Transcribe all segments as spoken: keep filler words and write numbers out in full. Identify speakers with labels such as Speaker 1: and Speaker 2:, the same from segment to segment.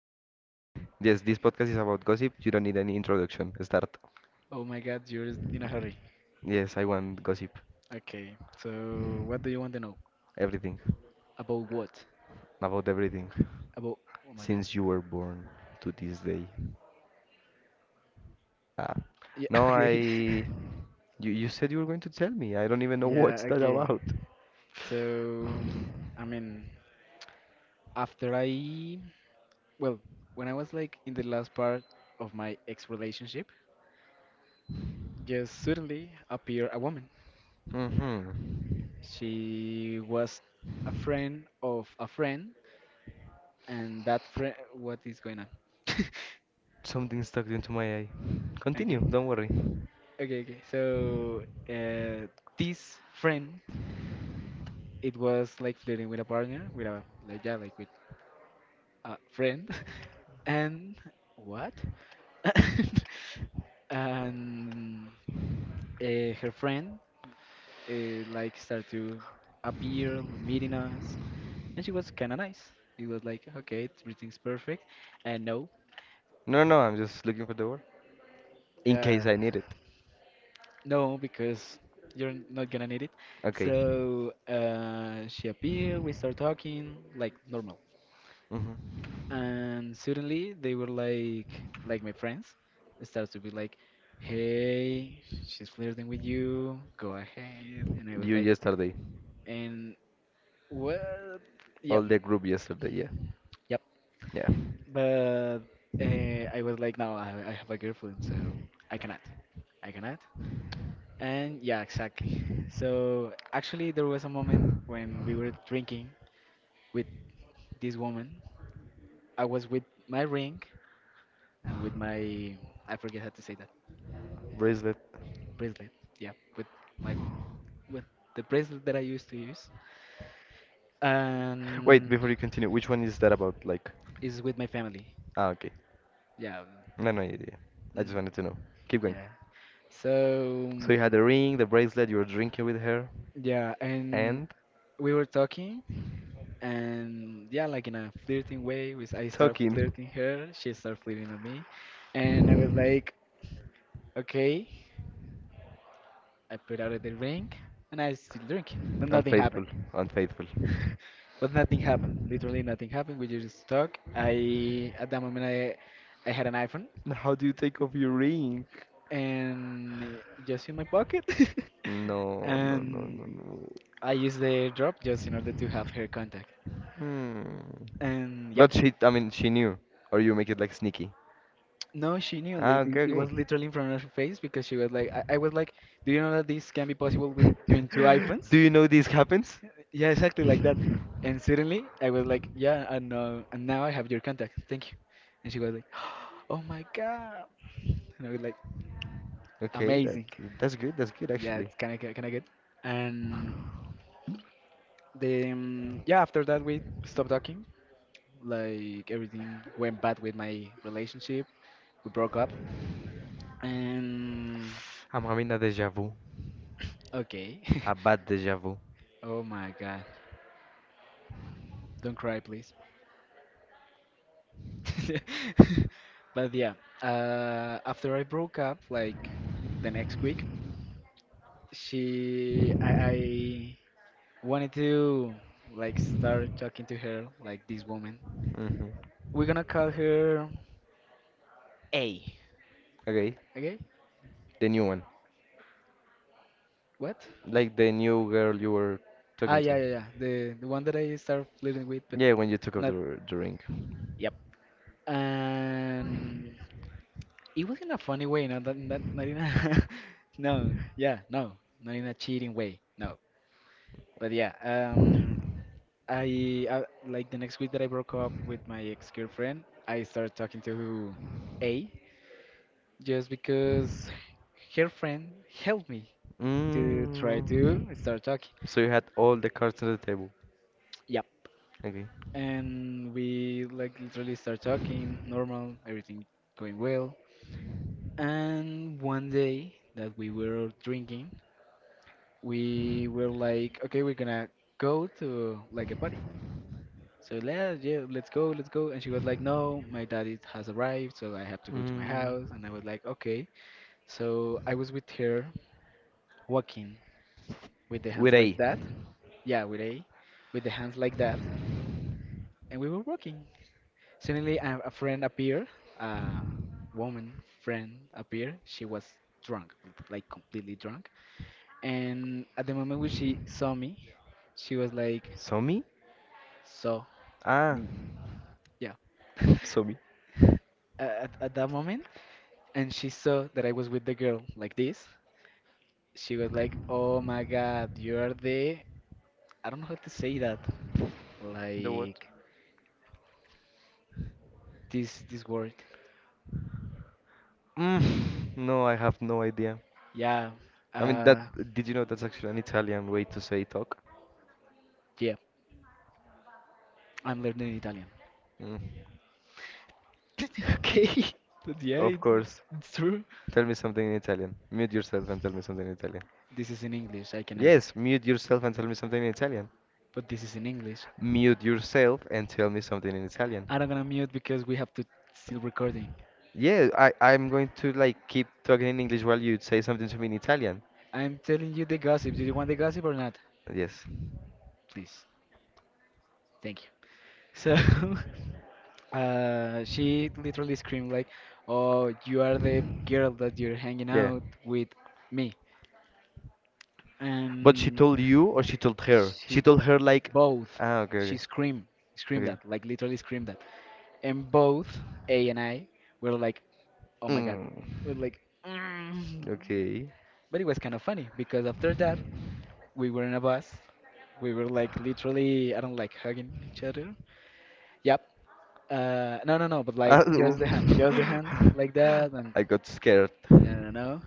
Speaker 1: Gossip, gossip time. Yes, this podcast is about gossip. You don't need any introduction. Start.
Speaker 2: oh my God, you're in a hurry.
Speaker 1: Yes, I want gossip.
Speaker 2: Okay. So, what do you want to know?
Speaker 1: Everything.
Speaker 2: About what?
Speaker 1: About everything.
Speaker 2: About. Oh my God.
Speaker 1: Since you were born to this day. Ah.
Speaker 2: Yeah.
Speaker 1: No, I.
Speaker 2: Okay.
Speaker 1: You, you said you were going to tell me. I don't even know what's
Speaker 2: Yeah.
Speaker 1: that
Speaker 2: Okay.
Speaker 1: about.
Speaker 2: So, I mean, after I, well, when I was like in the last part of my ex relationship, just suddenly appeared a woman.
Speaker 1: Hmm.
Speaker 2: She was a friend of a friend, and that friend. What is going on?
Speaker 1: Something stuck into my eye. Continue,
Speaker 2: Okay.
Speaker 1: don't worry.
Speaker 2: Okay, okay. So uh, this friend, it was like flirting with a partner, with a like yeah, like with a friend, and what? and uh, her friend uh, like started to appear, meeting us, and she was kind of nice. It was like okay, everything's perfect, and no,
Speaker 1: No, no, I'm just looking for the word. In case
Speaker 2: yeah.
Speaker 1: I need it.
Speaker 2: No, because you're not gonna need it.
Speaker 1: Okay.
Speaker 2: So uh, she appeared, we start talking like normal,
Speaker 1: Hmm.
Speaker 2: and suddenly they were like like my friends. Starts to be like, "Hey, she's flirting with you. Go ahead." And I was
Speaker 1: You
Speaker 2: like,
Speaker 1: yesterday.
Speaker 2: "And what?
Speaker 1: All
Speaker 2: Yep,
Speaker 1: the group yesterday, yeah.
Speaker 2: yep."
Speaker 1: Yeah.
Speaker 2: But uh, I was like, "No, I, I have a girlfriend, so I cannot. I cannot. And yeah, exactly. So actually, there was a moment when we were drinking with this woman. I was with my ring and with my, I forget how to say that,
Speaker 1: Bracelet.
Speaker 2: bracelet. Yeah, with my, with the bracelet that I used to use.
Speaker 1: Wait,
Speaker 2: And
Speaker 1: before you continue, which one is that about? Like,
Speaker 2: is with my family.
Speaker 1: ah, okay.
Speaker 2: Yeah. um,
Speaker 1: No, no, yeah, yeah, yeah. I just
Speaker 2: mm,
Speaker 1: wanted to know. Keep going.
Speaker 2: Yeah. So,
Speaker 1: So you had
Speaker 2: mm,
Speaker 1: the ring, the bracelet, you were drinking with her,
Speaker 2: yeah, and
Speaker 1: and
Speaker 2: we were talking and yeah like in a flirting way was I start
Speaker 1: talking.
Speaker 2: flirting her, she started flirting at me, and I was like okay, I put out the ring and I still drink, but nothing happened.
Speaker 1: Unfaithful, unfaithful.
Speaker 2: But nothing happened, literally nothing happened. We just talk. I at that moment i i had an iPhone
Speaker 1: How do you take off your ring?
Speaker 2: and just in my pocket.
Speaker 1: No, no, no,
Speaker 2: And
Speaker 1: no, no.
Speaker 2: I used the drop just in order to have her contact,
Speaker 1: Hmm.
Speaker 2: and yep.
Speaker 1: But she, I mean, she knew. Or you make it like sneaky.
Speaker 2: No, she knew.
Speaker 1: Ah,
Speaker 2: Like,
Speaker 1: okay,
Speaker 2: it it
Speaker 1: okay.
Speaker 2: was literally in front of her face because she was like, I, I was like, do you know that this can be possible with between two iPhones?
Speaker 1: Do you know this happens?
Speaker 2: Yeah, exactly like that. And suddenly I was like, yeah, and uh, and now I have your contact. Thank you. And she was like, oh my God. And I was like,
Speaker 1: Okay, that
Speaker 2: amazing.
Speaker 1: that's good. That's good
Speaker 2: Yeah,
Speaker 1: actually.
Speaker 2: it's kind of kind of good. And then yeah, after that we stopped talking. Like everything went bad with my relationship. We broke up. And
Speaker 1: I'm having a deja vu,
Speaker 2: okay.
Speaker 1: a bad deja vu.
Speaker 2: Oh my God. Don't cry, please. But yeah, uh, after I broke up, like the next week, she, I, I wanted to like start talking to her, like this woman.
Speaker 1: Hmm.
Speaker 2: We're gonna call her A.
Speaker 1: Okay,
Speaker 2: Okay?
Speaker 1: the new one,
Speaker 2: What?
Speaker 1: like the new girl you were
Speaker 2: Ah,
Speaker 1: talking
Speaker 2: yeah,
Speaker 1: to.
Speaker 2: yeah, yeah. The the one that I started flirting with, but
Speaker 1: Yeah, when you took off the,
Speaker 2: not.
Speaker 1: r- the ring.
Speaker 2: Yep. And it was in a funny way, not that, not, not in a. No, yeah, no, not in a cheating way. No. But yeah, um, I uh, like the next week that I broke up with my ex-girlfriend, I started talking to A just because her friend helped me to try
Speaker 1: Mm.
Speaker 2: to start talking.
Speaker 1: So you had all the cards on the table.
Speaker 2: Yep.
Speaker 1: Okay.
Speaker 2: And we like literally start talking, normal, everything going well. And one day that we were drinking, we were like, okay, we're gonna go to like a party. So yeah, yeah, let's go, let's go. And she was like, no, my daddy has arrived, so I have to go to my
Speaker 1: Mm.
Speaker 2: house. And I was like, okay. So I was with her walking with the
Speaker 1: With
Speaker 2: hands like
Speaker 1: A.
Speaker 2: that. Yeah, with A, with the hands like that. And we were walking. Suddenly, a, a friend appeared, a woman friend appeared. She was drunk, like completely drunk. And at the moment when she saw me, she was like,
Speaker 1: Somi?
Speaker 2: saw
Speaker 1: Ah,
Speaker 2: me. Yeah.
Speaker 1: Somi.
Speaker 2: at, at that moment, and she saw that I was with the girl like this, she was like, "Oh my God, you're the I don't know how to say that,
Speaker 1: The what?
Speaker 2: like this this word."
Speaker 1: Mm. No, I have no idea.
Speaker 2: Yeah,
Speaker 1: I mean
Speaker 2: uh,
Speaker 1: that. Did you know that's actually an Italian way to say talk?
Speaker 2: yeah, I'm learning Italian.
Speaker 1: Mm.
Speaker 2: Okay, but yeah,
Speaker 1: Of
Speaker 2: it,
Speaker 1: course.
Speaker 2: it's true.
Speaker 1: Tell me something in Italian. Mute yourself and tell me something in Italian.
Speaker 2: This is in English. I cannot.
Speaker 1: Yes, mute yourself and tell me something in Italian.
Speaker 2: But this is in English.
Speaker 1: Mute yourself and tell me something in Italian.
Speaker 2: I'm gonna mute because we have to still recording.
Speaker 1: Yeah, I, I'm going to like keep talking in English while you say something to me in Italian.
Speaker 2: I'm telling you the gossip. Do you want the gossip or not?
Speaker 1: Yes.
Speaker 2: Please. Thank you. So Uh, she literally screamed like, "Oh, you are the girl that you're hanging
Speaker 1: Yeah.
Speaker 2: out with me."
Speaker 1: But she
Speaker 2: And
Speaker 1: told you or she told her? She
Speaker 2: she
Speaker 1: told her like
Speaker 2: both
Speaker 1: ah, okay,
Speaker 2: She
Speaker 1: okay.
Speaker 2: screamed, screamed
Speaker 1: Okay.
Speaker 2: that like literally screamed that. And both A and I were like oh my God.
Speaker 1: Mm.
Speaker 2: We're like "Mm."
Speaker 1: Okay.
Speaker 2: But it was kind of funny because after that we were in a bus. We were like literally, I don't, like hugging each other, yep. uh no no no But
Speaker 1: Ah,
Speaker 2: like just the hand, just the hand like that. And
Speaker 1: I got scared.
Speaker 2: I don't know.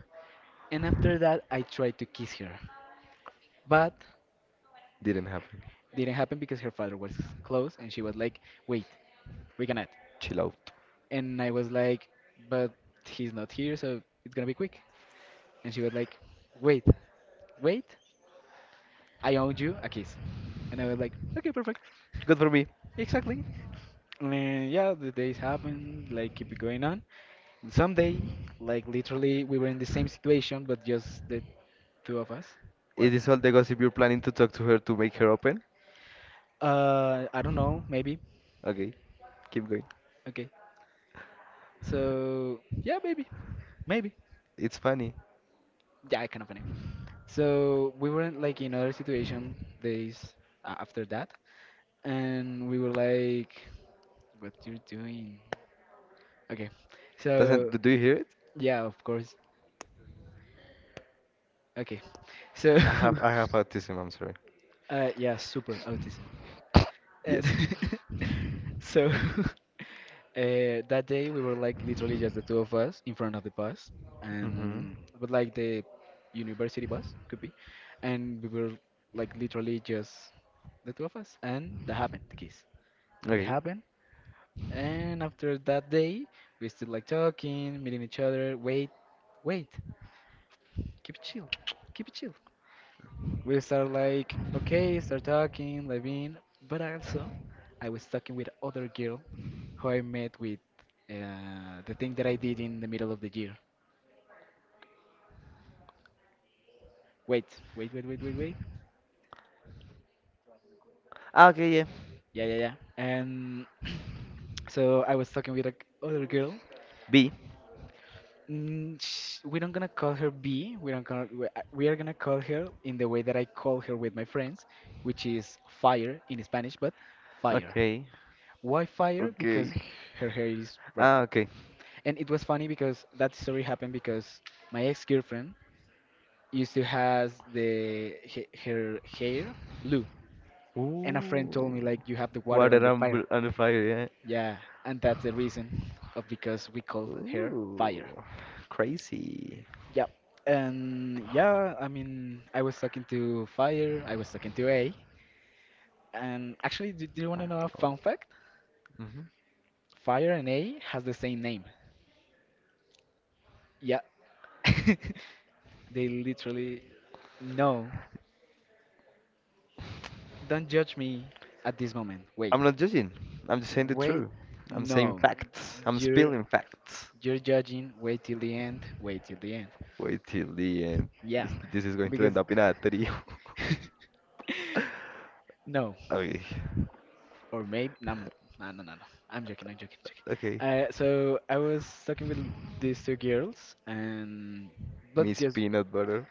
Speaker 2: And after that, I tried to kiss her, but
Speaker 1: Didn't happen.
Speaker 2: didn't happen because her father was close, and she was like, "Wait, we cannot."
Speaker 1: Chill out.
Speaker 2: And I was like, "But he's not here, so it's gonna be quick." And she was like, "Wait, wait, I owe you a kiss." And I was like, "Okay, perfect,
Speaker 1: Good for me.
Speaker 2: exactly." And yeah, the days happened, like keep it going on. And someday, like literally, we were in the same situation, but just the two of us. What?
Speaker 1: Is this all the gossip you're planning to talk to her to make her open?
Speaker 2: Uh, I don't know. Maybe.
Speaker 1: Okay, keep going.
Speaker 2: Okay. So yeah, maybe, maybe.
Speaker 1: It's funny.
Speaker 2: Yeah, I kind of name. So we were in, like in other situation days a- after that, and we were like, "What you're doing?" Okay.
Speaker 1: Doesn't
Speaker 2: So
Speaker 1: do do you hear it?
Speaker 2: yeah, of course. Okay. So
Speaker 1: I have I have autism. I'm sorry.
Speaker 2: uh, yeah, super autism. And
Speaker 1: Yes.
Speaker 2: so uh, that day we were like literally just the two of us in front of the bus,
Speaker 1: Mm-hmm.
Speaker 2: and but like the university bus could be, and we were like literally just the two of us, and that happened, the kiss. It
Speaker 1: Okay.
Speaker 2: happened, and after that day, we still like talking, meeting each other. Wait, wait, keep it chill, keep it chill. We start like okay, start talking, living, but also I was talking with other girl who I met with uh, the thing that I did in the middle of the year. Wait, wait, wait, wait, wait, wait.
Speaker 1: Ah, okay. Yeah.
Speaker 2: Yeah, yeah, yeah. And so I was talking with a g- other girl.
Speaker 1: B.
Speaker 2: Mm, sh we don't gonna call her B. We don't call. We uh, we are gonna call her in the way that I call her with my friends, which is fire in Spanish, but fire.
Speaker 1: Okay.
Speaker 2: Why fire? Because
Speaker 1: Okay.
Speaker 2: her hair is red.
Speaker 1: Ah, okay.
Speaker 2: And it was funny because that story happened because my ex-girlfriend used to has the he- her hair blue. And a friend
Speaker 1: Ooh.
Speaker 2: told me like you have the water on
Speaker 1: Water
Speaker 2: the
Speaker 1: and,
Speaker 2: fire.
Speaker 1: bl- and fire. Yeah.
Speaker 2: Yeah, and that's the reason of because we called her fire.
Speaker 1: Ooh. Crazy.
Speaker 2: Yep. And yeah, I mean, I was talking to Fire, I was talking to A. And actually, do, do you want to know a fun fact?
Speaker 1: Mm-hmm.
Speaker 2: Fire and A has the same name. Yeah. They literally. No. Don't judge me at this moment. Wait.
Speaker 1: I'm not judging. I'm just saying the
Speaker 2: Wait.
Speaker 1: truth. I'm saying
Speaker 2: No.
Speaker 1: facts. I'm
Speaker 2: You're
Speaker 1: spilling facts.
Speaker 2: you're judging. Wait till the end. Wait till the end.
Speaker 1: Wait till the end.
Speaker 2: Yeah,
Speaker 1: This is going to end
Speaker 2: because
Speaker 1: up in a trio.
Speaker 2: no,
Speaker 1: Okay.
Speaker 2: or maybe no, no, no, no, no. No. I'm joking. I'm joking. Joking.
Speaker 1: Okay.
Speaker 2: Uh, so I was talking with these two girls, and but
Speaker 1: Miss
Speaker 2: just
Speaker 1: Peanut Butter.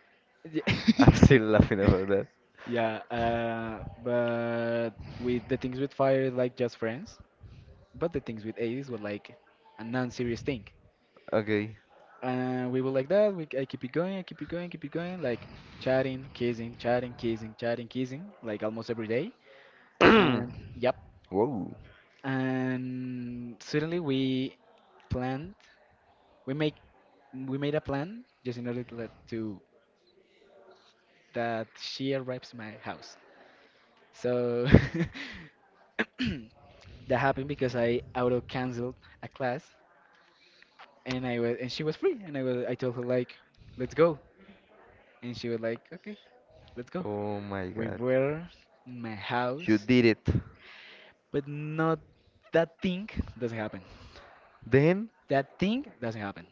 Speaker 1: I'm still laughing about that.
Speaker 2: yeah, uh, but with the things with fire, like just friends. But the things with Ace were like a non-serious thing.
Speaker 1: Okay.
Speaker 2: Uh, we were like that. We I keep it going. I keep it going. Keep it going. Like chatting, kissing, chatting, kissing, chatting, kissing. Like almost every day. And yep.
Speaker 1: Whoa.
Speaker 2: And suddenly we planned we make we made a plan just in order to, let, to that she arrives my house, so that happened because I auto canceled a class, and I was and she was free, and I was, I told her like let's go, and she was like okay, let's go.
Speaker 1: Oh my
Speaker 2: We
Speaker 1: god.
Speaker 2: were in my
Speaker 1: You
Speaker 2: house,
Speaker 1: did it.
Speaker 2: but not that thing doesn't happen.
Speaker 1: Then?
Speaker 2: That thing doesn't happen.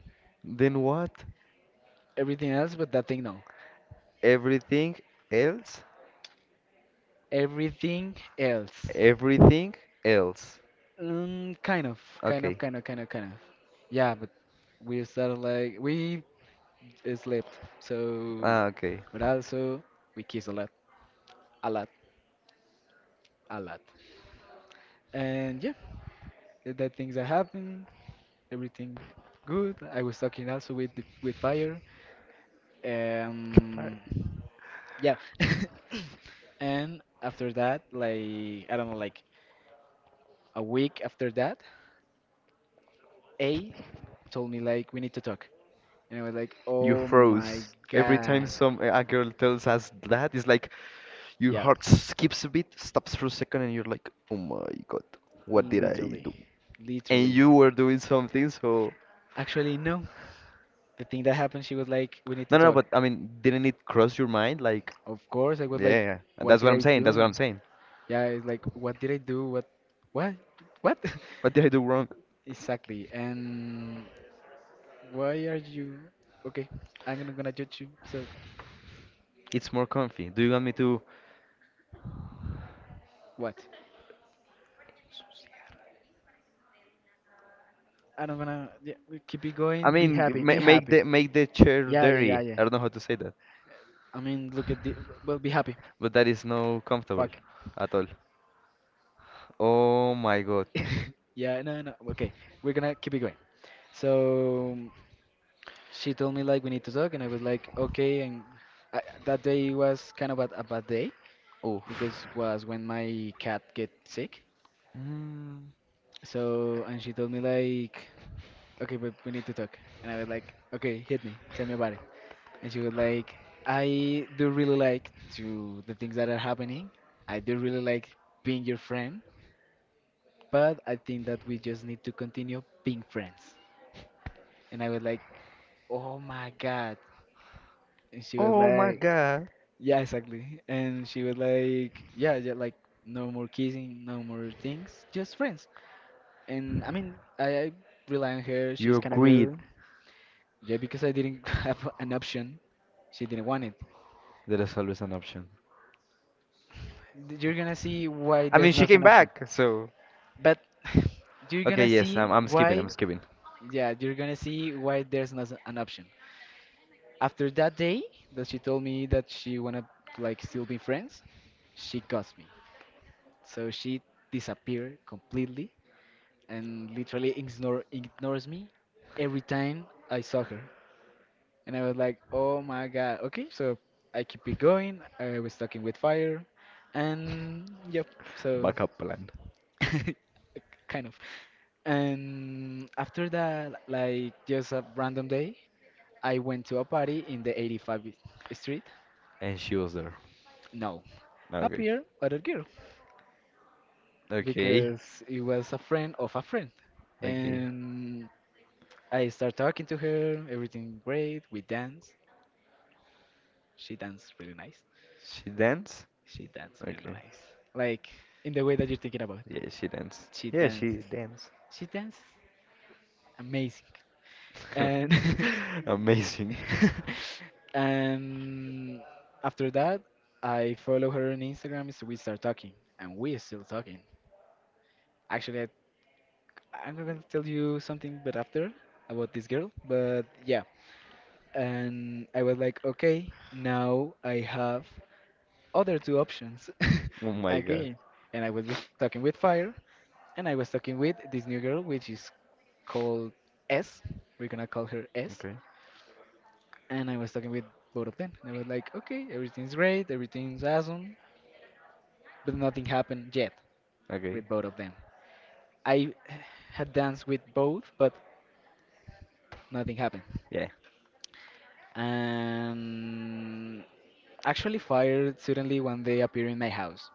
Speaker 1: Then what?
Speaker 2: Everything else but that thing no.
Speaker 1: Everything else?
Speaker 2: Everything else.
Speaker 1: Everything else.
Speaker 2: Mm, kind of, kind of,
Speaker 1: Okay.
Speaker 2: kind of, kind of, kind of. Yeah, but we started like we slept. So,
Speaker 1: Ah, okay.
Speaker 2: but also we kiss a lot, a lot, a lot. And yeah, th- that things that happened, everything good. I was talking also with the, with fire.
Speaker 1: But
Speaker 2: Um, yeah. And after that, like I don't know, like a week after that, A told me like we need to talk. And I was like,
Speaker 1: you
Speaker 2: "Oh my
Speaker 1: froze. Every time
Speaker 2: God."
Speaker 1: some a girl tells us that, it's like, your
Speaker 2: Yeah.
Speaker 1: heart skips a bit, stops for a second, and you're like, oh my god, what did I
Speaker 2: Literally.
Speaker 1: do? And
Speaker 2: Literally.
Speaker 1: you were doing something, so.
Speaker 2: Actually, no. The thing that happened, she was like, "We need
Speaker 1: No,
Speaker 2: to
Speaker 1: no, no,
Speaker 2: talk."
Speaker 1: but I mean, didn't it cross your mind? Like,
Speaker 2: Of course, I was
Speaker 1: yeah, yeah,
Speaker 2: like,
Speaker 1: yeah,
Speaker 2: "What
Speaker 1: that's
Speaker 2: did
Speaker 1: what I'm
Speaker 2: I
Speaker 1: saying, that's what
Speaker 2: do?"
Speaker 1: I'm saying.
Speaker 2: Yeah, it's like, "What did I do? What? What? What?"
Speaker 1: What did I do wrong?
Speaker 2: Exactly. And why are you? Okay, I'm gonna gonna judge you. So
Speaker 1: It's more comfy. Do you want me to.
Speaker 2: what? I don't gonna yeah, we keep it
Speaker 1: I
Speaker 2: going. Be
Speaker 1: mean,
Speaker 2: happy. Be
Speaker 1: ma make
Speaker 2: happy.
Speaker 1: the make the chair
Speaker 2: Yeah, yeah, yeah,
Speaker 1: dirty.
Speaker 2: yeah.
Speaker 1: I don't know how to say that.
Speaker 2: I mean, look at the. Well, be happy.
Speaker 1: But that is no comfortable
Speaker 2: Fuck.
Speaker 1: at all. Oh my god.
Speaker 2: Yeah, no, no. Okay, we're gonna keep it going. So she told me like we need to talk, and I was like okay. And I, that day was kind of a, a bad day
Speaker 1: Oof.
Speaker 2: because was when my cat get sick.
Speaker 1: Mm.
Speaker 2: So and she told me like okay, but we need to talk, and I was like okay, hit me, tell me about it. And she was like, I do really like to the things that are happening. I do really like being your friend, but I think that we just need to continue being friends. And I was like, oh my god. And she was
Speaker 1: Oh my
Speaker 2: like,
Speaker 1: god.
Speaker 2: yeah, exactly. And she was like, yeah, yeah, like no more kissing, no more things, just friends. And I mean, I, I rely on her.
Speaker 1: You
Speaker 2: She's kind of
Speaker 1: agreed.
Speaker 2: good. Yeah, because I didn't have an option. She didn't want it.
Speaker 1: There is always an option.
Speaker 2: D- You're gonna see why
Speaker 1: I mean,
Speaker 2: there's
Speaker 1: she
Speaker 2: not an
Speaker 1: came
Speaker 2: option.
Speaker 1: back, so.
Speaker 2: But you're
Speaker 1: Okay,
Speaker 2: gonna
Speaker 1: yes,
Speaker 2: see
Speaker 1: I'm, I'm skipping,
Speaker 2: why.
Speaker 1: I'm skipping.
Speaker 2: Yeah, you're gonna see why there's not an option. After that day that she told me that she wanna like still be friends, she ghosted me. So she disappeared completely and literally ignore, ignores me every time I saw her. And I was like, oh my god. Okay, so I keep it going. I was talking with fire. And yep, so
Speaker 1: Backup plan.
Speaker 2: kind of. And after that, like just a random day, I went to a party in the eighty-fifth street.
Speaker 1: And she was there.
Speaker 2: No,
Speaker 1: Okay.
Speaker 2: appeared other girl
Speaker 1: Okay.
Speaker 2: because it was a friend of a friend.
Speaker 1: Okay.
Speaker 2: And I start talking to her, everything great, we dance. She danced really nice.
Speaker 1: She danced?
Speaker 2: She danced really
Speaker 1: Okay.
Speaker 2: nice. Like in the way that you're thinking about.
Speaker 1: Yeah, she danced.
Speaker 2: She
Speaker 1: Yeah, she
Speaker 2: dances.
Speaker 1: danced.
Speaker 2: She dances amazing. And
Speaker 1: Amazing.
Speaker 2: and after that, I follow her on Instagram, so we start talking, and we are still talking. Actually, I, I'm not gonna tell you something, but after about this girl, but yeah. And I was like, okay, now I have other two options
Speaker 1: Oh my god.
Speaker 2: again. And I was with, talking with Fire, and I was talking with this new girl, which is called S. We're gonna call her S.
Speaker 1: Okay.
Speaker 2: And I was talking with both of them, and I was like, okay, everything's great, everything's awesome, but nothing happened yet
Speaker 1: Okay.
Speaker 2: with both of them. I had danced with both, but nothing happened.
Speaker 1: Yeah.
Speaker 2: And actually, Fire suddenly one day appeared in my house.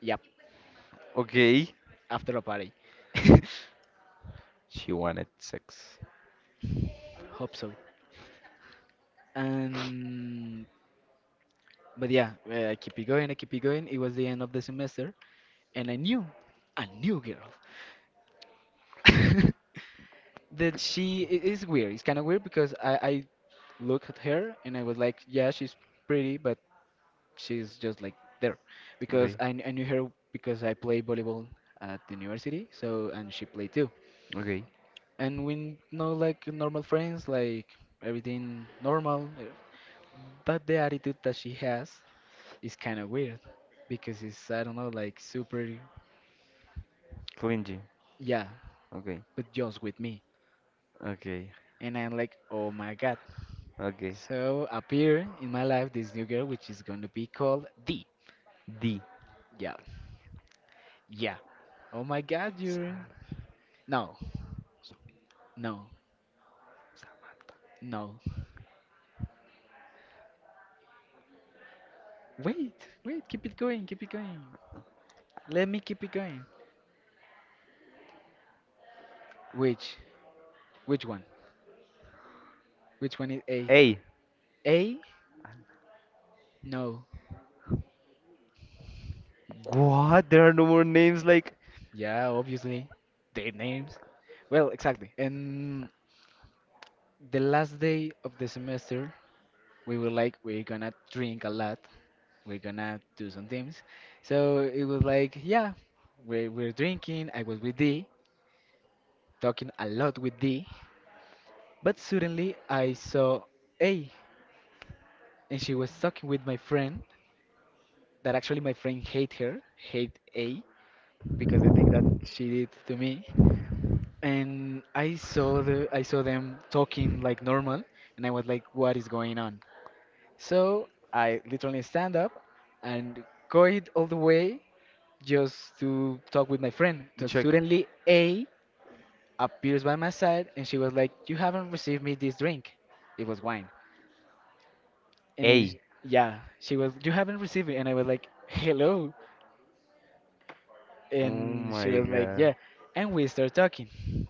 Speaker 2: Yep,
Speaker 1: Okay.
Speaker 2: after a party.
Speaker 1: She wanted sex.
Speaker 2: Hope so. Um, but yeah, uh, I keep it going, I keep it going. It was the end of the semester, and I knew a new girl that she it is weird. It's kind of weird because I I look at her and I was like, yeah, she's pretty, but she's just like there because
Speaker 1: Okay.
Speaker 2: I kn- I knew her because I play volleyball at the university, so and she played too,
Speaker 1: Okay.
Speaker 2: and we know like normal friends, like everything normal, uh, but the attitude that she has. It's kind of weird because it's, I don't know, like super,
Speaker 1: Clingy.
Speaker 2: yeah,
Speaker 1: Okay.
Speaker 2: but just with me.
Speaker 1: Okay.
Speaker 2: And I'm like, oh my god.
Speaker 1: Okay.
Speaker 2: So appear in my life this new girl, which is gonna be called D.
Speaker 1: D.
Speaker 2: Yeah, yeah. Oh my god, you're.
Speaker 1: Sarah.
Speaker 2: No, no,
Speaker 1: Samantha.
Speaker 2: no. Wait, wait, keep it going, keep it going. Let me keep it going. Which? Which one? Which one is A?
Speaker 1: Hey,
Speaker 2: A? No.
Speaker 1: what? There are no more names like
Speaker 2: Yeah, obviously. Their names. Well, exactly. And the last day of the semester we were like we're gonna drink a lot, we're gonna do some things, so it was like yeah, we we're drinking. I was with D, talking a lot with D, but suddenly I saw A, and she was talking with my friend, that actually my friend hate her, hate A, because the thing that she did to me. And I saw the I saw them talking like normal, and I was like, what is going on? So I literally stand up and go it all the way just to talk with my friend.
Speaker 1: to
Speaker 2: But
Speaker 1: check.
Speaker 2: suddenly A appears by my side and she was like, you haven't received me this drink. It was wine. And it,
Speaker 1: A.
Speaker 2: yeah, she was, you haven't received it. And I was like, hello.
Speaker 1: Oh
Speaker 2: And she
Speaker 1: my
Speaker 2: was like,
Speaker 1: god.
Speaker 2: yeah. And we start talking.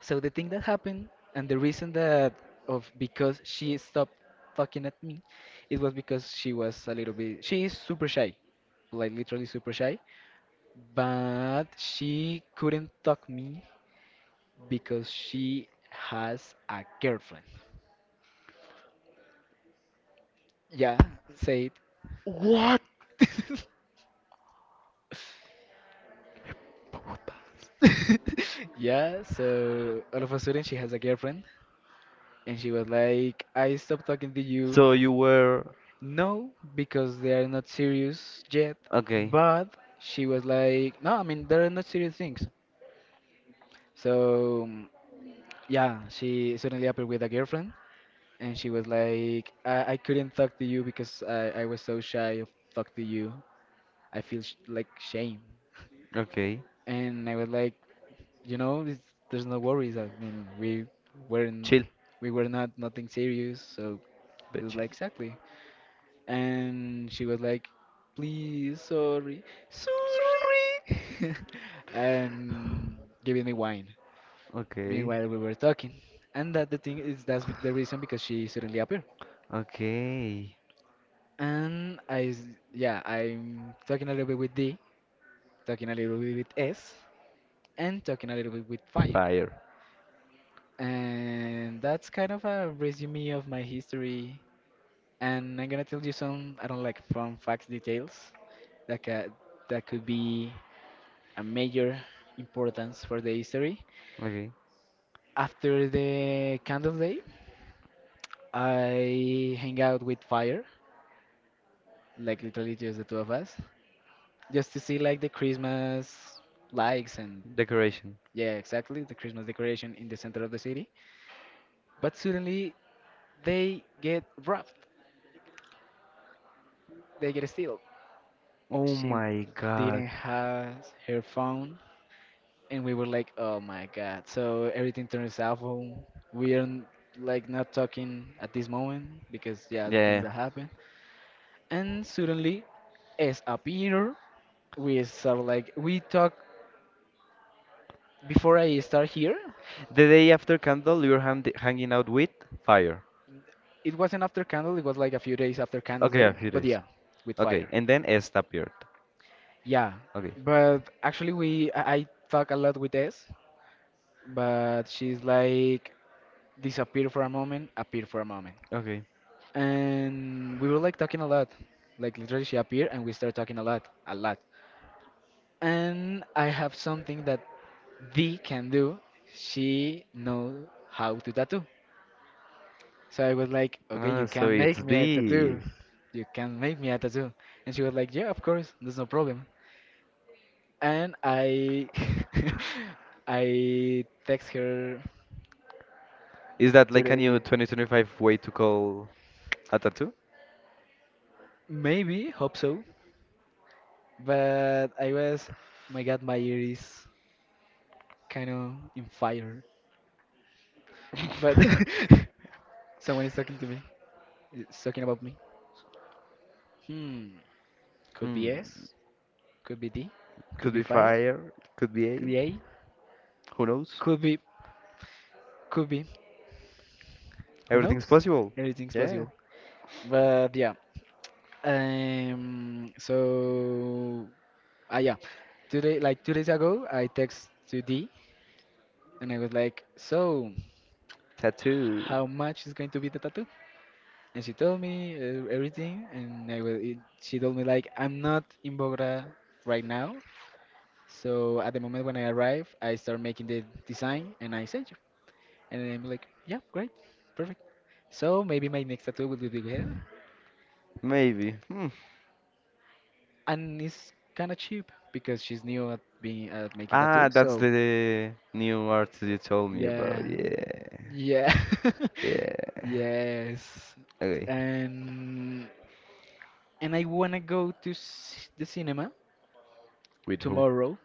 Speaker 2: So the thing that happened and the reason that of because she stopped talking at me, it was because she was a little bit she is super shy, like literally super shy, but she couldn't talk me because she has a girlfriend. Yeah, say it.
Speaker 1: What?
Speaker 2: Yeah, so all of a sudden she has a girlfriend and she was like, I stopped talking to you,
Speaker 1: So you were
Speaker 2: no, because they are not serious yet.
Speaker 1: okay,
Speaker 2: But she was like, no, I mean, they're not serious things. So, mm, yeah, she suddenly appeared with a girlfriend, and she was like, I, I couldn't talk to you because I, I was so shy of talk to you. I feel sh like shame.
Speaker 1: okay.
Speaker 2: And I was like, you know, it's, there's no worries. I mean, we weren't,
Speaker 1: Chill,
Speaker 2: we were not nothing serious. So it
Speaker 1: but
Speaker 2: was
Speaker 1: chill.
Speaker 2: like, exactly. And she was like, "Please, sorry, sorry,"
Speaker 1: Sorry.
Speaker 2: and giving me wine.
Speaker 1: Okay,
Speaker 2: Meanwhile, we were talking, and that the thing is that's the reason because she suddenly appeared.
Speaker 1: okay.
Speaker 2: And I, s- yeah, I'm talking a little bit with D, talking a little bit with S, and talking a little bit with Fire.
Speaker 1: Fire.
Speaker 2: And that's kind of a resume of my history. And I'm gonna tell you some, I don't like fun facts details that ca that could be a major importance for the history.
Speaker 1: Okay.
Speaker 2: After the candle day, I hang out with fire, like literally just the two of us, just to see like the Christmas lights and
Speaker 1: Decoration.
Speaker 2: yeah, exactly the Christmas decoration in the center of the city. But suddenly they get robbed. They get steal.
Speaker 1: Oh
Speaker 2: She
Speaker 1: my god.
Speaker 2: didn't have her phone. And we were like, "Oh my God!" So everything turns awful. We are n- like not talking at this moment because yeah, the things
Speaker 1: Yeah.
Speaker 2: that happen. And suddenly, as appear, we start like we talk before I start here.
Speaker 1: The day after candle, you're hand hanging out with fire.
Speaker 2: It wasn't after Candle. It was like a few days after Candle's
Speaker 1: Okay, yeah,
Speaker 2: Day.
Speaker 1: here it
Speaker 2: But
Speaker 1: is.
Speaker 2: yeah, with
Speaker 1: Okay,
Speaker 2: fire.
Speaker 1: and then S appeared.
Speaker 2: Yeah,
Speaker 1: Okay,
Speaker 2: but actually we I, I talk a lot with S, but she's like disappear for a moment, appear for a moment.
Speaker 1: okay.
Speaker 2: And we were like talking a lot. Like literally, she appeared and we started talking a lot, a lot. And I have something that Dee can do. She knows how to tattoo. So I was like, okay,
Speaker 1: Ah,
Speaker 2: you
Speaker 1: so
Speaker 2: can make
Speaker 1: it's
Speaker 2: me a
Speaker 1: D.
Speaker 2: tattoo. You can make me a tattoo. And she was like, yeah, of course, there's no problem. And I, I text her
Speaker 1: Is that like a new
Speaker 2: today.
Speaker 1: twenty twenty-five way to call a tattoo?
Speaker 2: Maybe, hope so. But I was, "Oh my God, my ear is kind of in fire, but someone is talking to me. It's talking about me. Hmm. Could be
Speaker 1: Hmm.
Speaker 2: S. Could be D. Could
Speaker 1: Could
Speaker 2: be
Speaker 1: be
Speaker 2: fire.
Speaker 1: fire, could be A.
Speaker 2: Could be A.
Speaker 1: Who knows?
Speaker 2: Could be. Could be. Who
Speaker 1: Everything's
Speaker 2: knows?
Speaker 1: possible.
Speaker 2: Everything's
Speaker 1: Yeah.
Speaker 2: possible. But yeah. Um. So. Ah yeah. Today, like two days ago, I text to D, and I was like, "So,
Speaker 1: Tattoo.
Speaker 2: how much is going to be the tattoo?" And she told me uh, everything, and I will. It, she told me like I'm not in Bogota right now, so at the moment when I arrive, I start making the design and I send you. And I'm like, yeah, great, perfect. So maybe my next tattoo will be big hair,
Speaker 1: Maybe. Hmm.
Speaker 2: and it's kind of cheap because she's new at being at making tattoo.
Speaker 1: Ah, that's
Speaker 2: So
Speaker 1: the new artist you told me about.
Speaker 2: yeah,
Speaker 1: Yeah.
Speaker 2: yeah,
Speaker 1: Yeah.
Speaker 2: yes,
Speaker 1: Okay.
Speaker 2: and and I wanna go to s the cinema
Speaker 1: With who?
Speaker 2: tomorrow.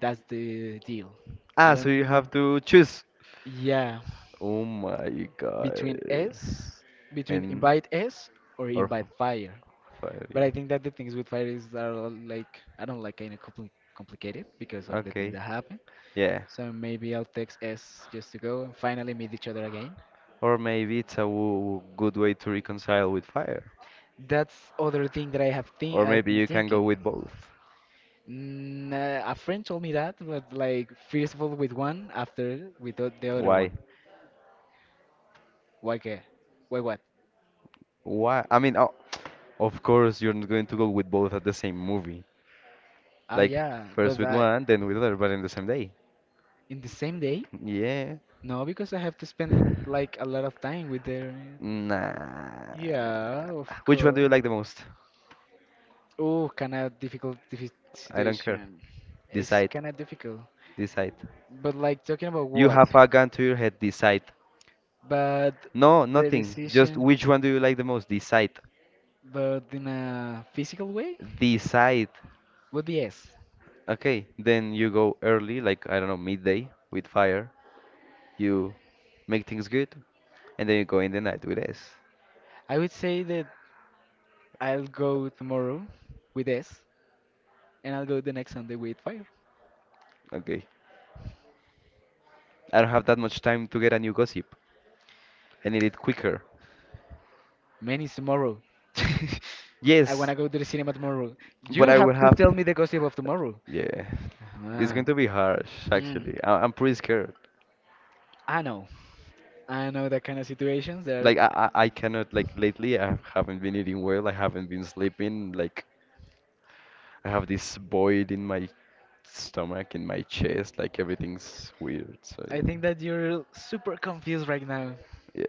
Speaker 2: That's the deal.
Speaker 1: Ah,
Speaker 2: I
Speaker 1: so you
Speaker 2: don't
Speaker 1: have
Speaker 2: know.
Speaker 1: to choose.
Speaker 2: Yeah,
Speaker 1: Oh my
Speaker 2: between
Speaker 1: god.
Speaker 2: S, between
Speaker 1: And
Speaker 2: invite S or
Speaker 1: or
Speaker 2: invite
Speaker 1: f-
Speaker 2: fire.
Speaker 1: fire,
Speaker 2: But
Speaker 1: yeah.
Speaker 2: I think that the things with fire is that are like I don't like kind of compli complicated because of the things
Speaker 1: Okay.
Speaker 2: that happen.
Speaker 1: Yeah.
Speaker 2: So maybe I'll text S just to go and finally meet each other again.
Speaker 1: Or maybe it's a w- good way to reconcile with fire.
Speaker 2: That's other thing that I have think
Speaker 1: Or
Speaker 2: I've
Speaker 1: maybe
Speaker 2: been
Speaker 1: you can go
Speaker 2: thinking.
Speaker 1: with both.
Speaker 2: Mm, uh, a friend told me that, but like first of all with one, after with the the other
Speaker 1: Why?
Speaker 2: one. Why? ca- Why what?
Speaker 1: Why? I mean, o- of course, you're not going to go with both at the same movie.
Speaker 2: Ah,
Speaker 1: Like
Speaker 2: yeah,
Speaker 1: first
Speaker 2: but
Speaker 1: with
Speaker 2: uh,
Speaker 1: one, then with other, but in the same day.
Speaker 2: in the same day.
Speaker 1: Yeah.
Speaker 2: No, because I have to spend like a lot of time with her.
Speaker 1: Nah.
Speaker 2: Yeah, of
Speaker 1: Which one do
Speaker 2: course.
Speaker 1: you like the most?
Speaker 2: Oh, kind of difficult diffi-
Speaker 1: I don't care.
Speaker 2: situation. It's
Speaker 1: Decide.
Speaker 2: kind of difficult.
Speaker 1: Decide.
Speaker 2: But like talking about
Speaker 1: You
Speaker 2: what?
Speaker 1: have a gun to your head. Decide.
Speaker 2: But
Speaker 1: No,
Speaker 2: the
Speaker 1: nothing. Just
Speaker 2: decision,
Speaker 1: which one do you like the most? Decide.
Speaker 2: but in a physical way,
Speaker 1: Decide.
Speaker 2: would be yes.
Speaker 1: Okay, then you go early, like I don't know, midday with fire. You make things good, and then you go in the night with S.
Speaker 2: I would say that I'll go tomorrow with S, and I'll go the next Sunday with Fire.
Speaker 1: Okay. I don't have that much time to get a new gossip. I need it quicker.
Speaker 2: Man, it's tomorrow. I
Speaker 1: Yes,
Speaker 2: wanna go to the cinema tomorrow.
Speaker 1: but
Speaker 2: You
Speaker 1: I will
Speaker 2: have to
Speaker 1: have.
Speaker 2: tell me the gossip of tomorrow.
Speaker 1: Yeah, it's
Speaker 2: Ah,
Speaker 1: going to be harsh
Speaker 2: hmm.
Speaker 1: actually. I I'm pretty scared.
Speaker 2: I know. I know that kind of situations. There,
Speaker 1: Like I I I cannot like lately I haven't been eating well. I haven't been sleeping. Like I have this void in my stomach, in my chest. Like everything's weird. So yeah.
Speaker 2: I think that you're super confused right now.
Speaker 1: Yeah.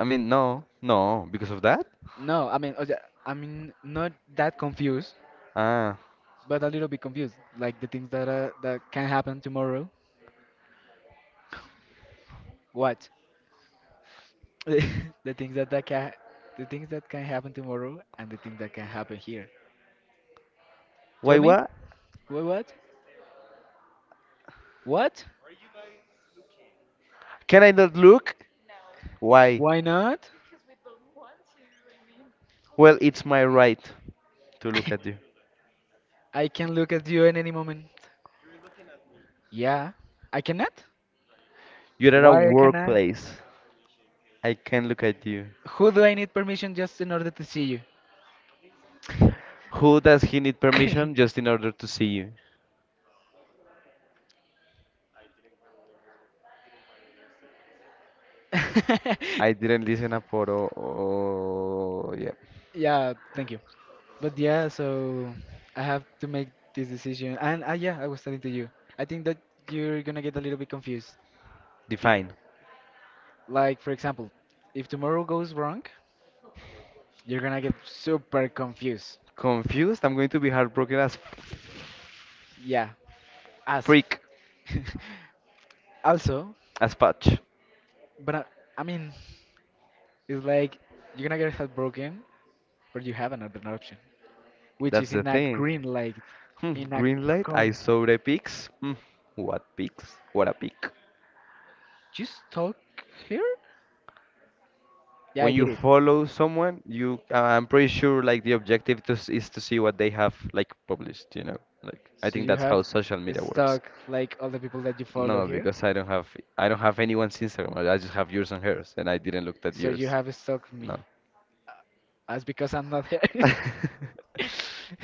Speaker 1: I mean no, no, because of that?
Speaker 2: No, I mean, okay, I mean, not that confused,
Speaker 1: Ah,
Speaker 2: but a little bit confused. Like the things that uh, that can happen tomorrow. What? the things that that can, the things that can happen tomorrow, and the things that can happen here. Tell
Speaker 1: why
Speaker 2: me,
Speaker 1: what?
Speaker 2: Wha- what? What?
Speaker 1: Can I not look? Why?
Speaker 2: Why not?
Speaker 1: Well, it's my right to look at you.
Speaker 2: I can look at you in any moment. Yeah, I cannot.
Speaker 1: You're at a
Speaker 2: Why I cannot?
Speaker 1: workplace. I can look at you.
Speaker 2: Who do I need permission just in order to see you?
Speaker 1: Who does he need permission just in order to see you? I didn't listen up for oh, oh yeah.
Speaker 2: Yeah, thank you. But yeah, so I have to make this decision. And uh, yeah, I was telling to you, I think that you're gonna get a little bit confused. Be
Speaker 1: Define.
Speaker 2: like, for example, if tomorrow goes wrong, you're gonna get super confused.
Speaker 1: Confused? I'm going to be heartbroken as
Speaker 2: Yeah, as.
Speaker 1: freak
Speaker 2: f- Also,
Speaker 1: as patch.
Speaker 2: but I, I mean, it's like you're gonna get heartbroken, but you have another option, which
Speaker 1: That's
Speaker 2: is
Speaker 1: the
Speaker 2: in a
Speaker 1: thing.
Speaker 2: green light,
Speaker 1: Hmm,
Speaker 2: in a
Speaker 1: green light,
Speaker 2: com.
Speaker 1: I saw the pics. Hmm, what pics? What a pic.
Speaker 2: You stuck here? Yeah, I
Speaker 1: When
Speaker 2: did
Speaker 1: you
Speaker 2: it.
Speaker 1: follow someone, you uh, I'm pretty sure like the objective to, s- is to see what they have like published, you know. Like I
Speaker 2: So
Speaker 1: think
Speaker 2: you
Speaker 1: that's
Speaker 2: have
Speaker 1: how social media works.
Speaker 2: stuck like all the people that you follow
Speaker 1: No,
Speaker 2: here.
Speaker 1: because I don't have I don't have anyone's Instagram. I just have yours and hers, and I didn't look at
Speaker 2: So you
Speaker 1: yours.
Speaker 2: have stuck me.
Speaker 1: No.
Speaker 2: That's because I'm not here.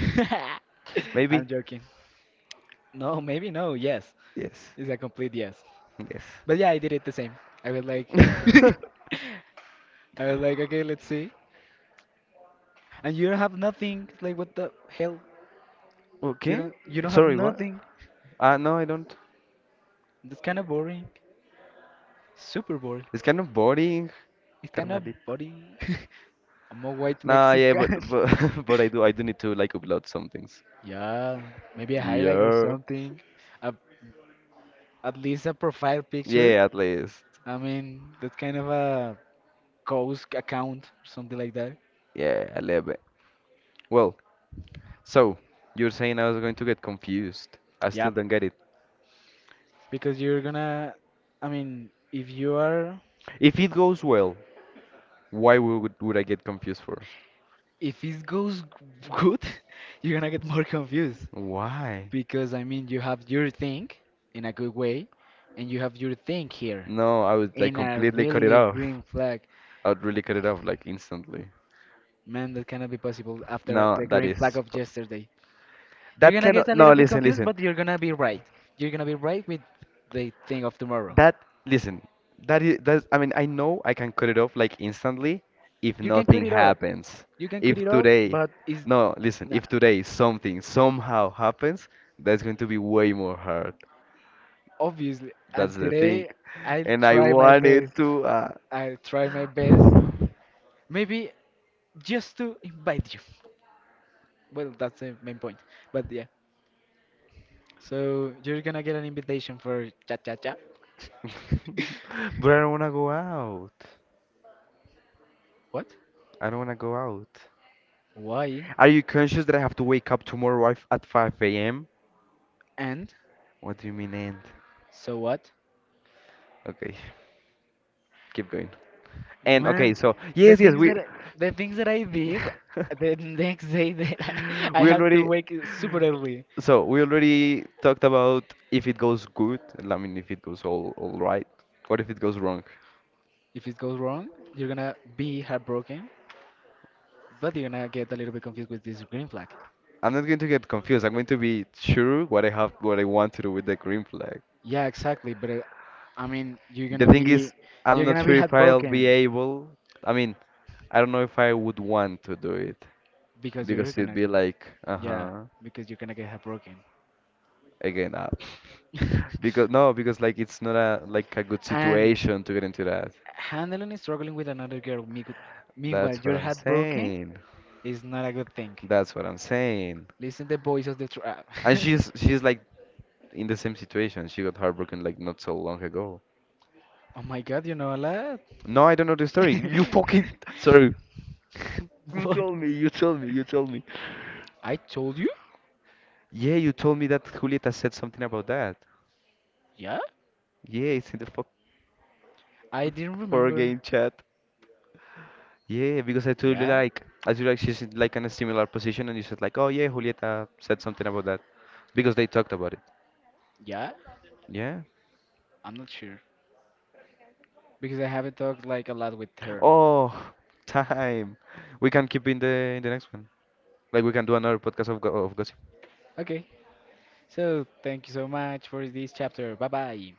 Speaker 1: Maybe?
Speaker 2: I'm joking. No, maybe no. Yes,
Speaker 1: Yes.
Speaker 2: it's a complete yes.
Speaker 1: Yes.
Speaker 2: But yeah, I did it the same. I was like, I was like, okay, let's see. And you don't have nothing. Like, what the hell? You
Speaker 1: Okay.
Speaker 2: don't, you don't have
Speaker 1: Sorry, what?
Speaker 2: nothing.
Speaker 1: Uh, no, I don't.
Speaker 2: That's kind of boring. Super boring.
Speaker 1: It's kind of boring,
Speaker 2: It's kind of
Speaker 1: carnalito.
Speaker 2: body. I'm a white
Speaker 1: Nah, yeah, but
Speaker 2: Mexican.
Speaker 1: but but I do I do need to like upload some things.
Speaker 2: Yeah, maybe a highlight or
Speaker 1: Yeah.
Speaker 2: something. A, at least a profile picture.
Speaker 1: Yeah, at least.
Speaker 2: I mean, that kind of a Coast account or something like that.
Speaker 1: Yeah, a little bit. Well, so you're saying I was going to get confused. I still
Speaker 2: Yep.
Speaker 1: don't get it.
Speaker 2: Because you're gonna, I mean, if you are,
Speaker 1: If it goes well, why would would I get confused for?
Speaker 2: if it goes g- good, you're gonna get more confused.
Speaker 1: Why?
Speaker 2: Because, I mean, you have your thing in a good way, and you have your thing here
Speaker 1: No, I would like
Speaker 2: in a
Speaker 1: completely cut it
Speaker 2: really
Speaker 1: off.
Speaker 2: green flag.
Speaker 1: I would really cut it off like instantly.
Speaker 2: Man, that cannot be possible after
Speaker 1: No,
Speaker 2: the
Speaker 1: that
Speaker 2: green flag
Speaker 1: is
Speaker 2: of yesterday. You're
Speaker 1: that
Speaker 2: gonna get
Speaker 1: cannot.
Speaker 2: a
Speaker 1: No,
Speaker 2: little bit
Speaker 1: listen,
Speaker 2: confused,
Speaker 1: listen.
Speaker 2: but you're gonna be right. You're gonna be right with the thing of tomorrow.
Speaker 1: That listen. That is that. I mean, I know I can cut it off like instantly if
Speaker 2: You can cut
Speaker 1: nothing
Speaker 2: it up.
Speaker 1: happens.
Speaker 2: You can cut
Speaker 1: If
Speaker 2: it up,
Speaker 1: today,
Speaker 2: but it's
Speaker 1: no, listen.
Speaker 2: not.
Speaker 1: If today something somehow happens, that's going to be way more hard.
Speaker 2: Obviously.
Speaker 1: That's
Speaker 2: And
Speaker 1: the thing,
Speaker 2: today, I'll
Speaker 1: and I
Speaker 2: try my
Speaker 1: wanted
Speaker 2: best.
Speaker 1: to. Uh...
Speaker 2: I'll try my best. Maybe just to invite you. Well, that's the main point. But yeah. So you're gonna get an invitation for cha cha cha.
Speaker 1: but I don't wanna go out.
Speaker 2: What?
Speaker 1: I don't wanna go out.
Speaker 2: Why?
Speaker 1: Are you conscious that I have to wake up tomorrow at at five a m?
Speaker 2: And
Speaker 1: What do you mean, and?
Speaker 2: so what?
Speaker 1: Okay, keep going. And
Speaker 2: Man,
Speaker 1: okay, so
Speaker 2: the
Speaker 1: yes, yes,
Speaker 2: things
Speaker 1: we
Speaker 2: that I, the things that I did the next day that I
Speaker 1: we
Speaker 2: have to
Speaker 1: already
Speaker 2: wake super early.
Speaker 1: so we already talked about if it goes good. I mean, if it goes all all right, or if it goes wrong.
Speaker 2: If it goes wrong, you're gonna be heartbroken, but you're gonna get a little bit confused with this green flag.
Speaker 1: I'm not going to get confused. I'm going to be sure what I have, what I want to do with the green flag.
Speaker 2: Yeah, exactly. But uh, I mean, you're
Speaker 1: The
Speaker 2: gonna
Speaker 1: thing is,
Speaker 2: be
Speaker 1: I'm
Speaker 2: you're
Speaker 1: not
Speaker 2: gonna be
Speaker 1: sure if I'll be
Speaker 2: heartbroken
Speaker 1: able. I mean, I don't know if I would want to do it.
Speaker 2: because you're
Speaker 1: Because it'd
Speaker 2: gonna
Speaker 1: be like,
Speaker 2: yeah
Speaker 1: uh-huh,
Speaker 2: because you're gonna get heartbroken.
Speaker 1: again up. Because no, because like it's not a like a good
Speaker 2: And
Speaker 1: situation to get into that.
Speaker 2: handling and struggling with another girl meanwhile meanwhile
Speaker 1: That's what
Speaker 2: your
Speaker 1: I'm
Speaker 2: heartbroken
Speaker 1: saying.
Speaker 2: is not a good thing.
Speaker 1: That's what I'm saying.
Speaker 2: Listen the voice of the trap.
Speaker 1: And she's she's like in the same situation. She got heartbroken like not so long ago.
Speaker 2: Oh my god, you know a lot.
Speaker 1: No, I don't know the story. You fucking sorry. You
Speaker 2: What?
Speaker 1: told me. You told me. You told me.
Speaker 2: I told you?
Speaker 1: Yeah, you told me that Julieta said something about that.
Speaker 2: Yeah?
Speaker 1: Yeah, it's in the fuck
Speaker 2: I didn't
Speaker 1: four
Speaker 2: remember.
Speaker 1: game chat. Yeah, because I told you
Speaker 2: Yeah?
Speaker 1: like I told you like she's in like in a similar position and you said like, oh yeah, Julieta said something about that. Because they talked about it.
Speaker 2: Yeah?
Speaker 1: Yeah.
Speaker 2: I'm not sure. Because I haven't talked like a lot with her.
Speaker 1: Oh, time. We can keep in the in the next one. Like we can do another podcast of go of gossip.
Speaker 2: Okay. So thank you so much for this chapter. Bye bye.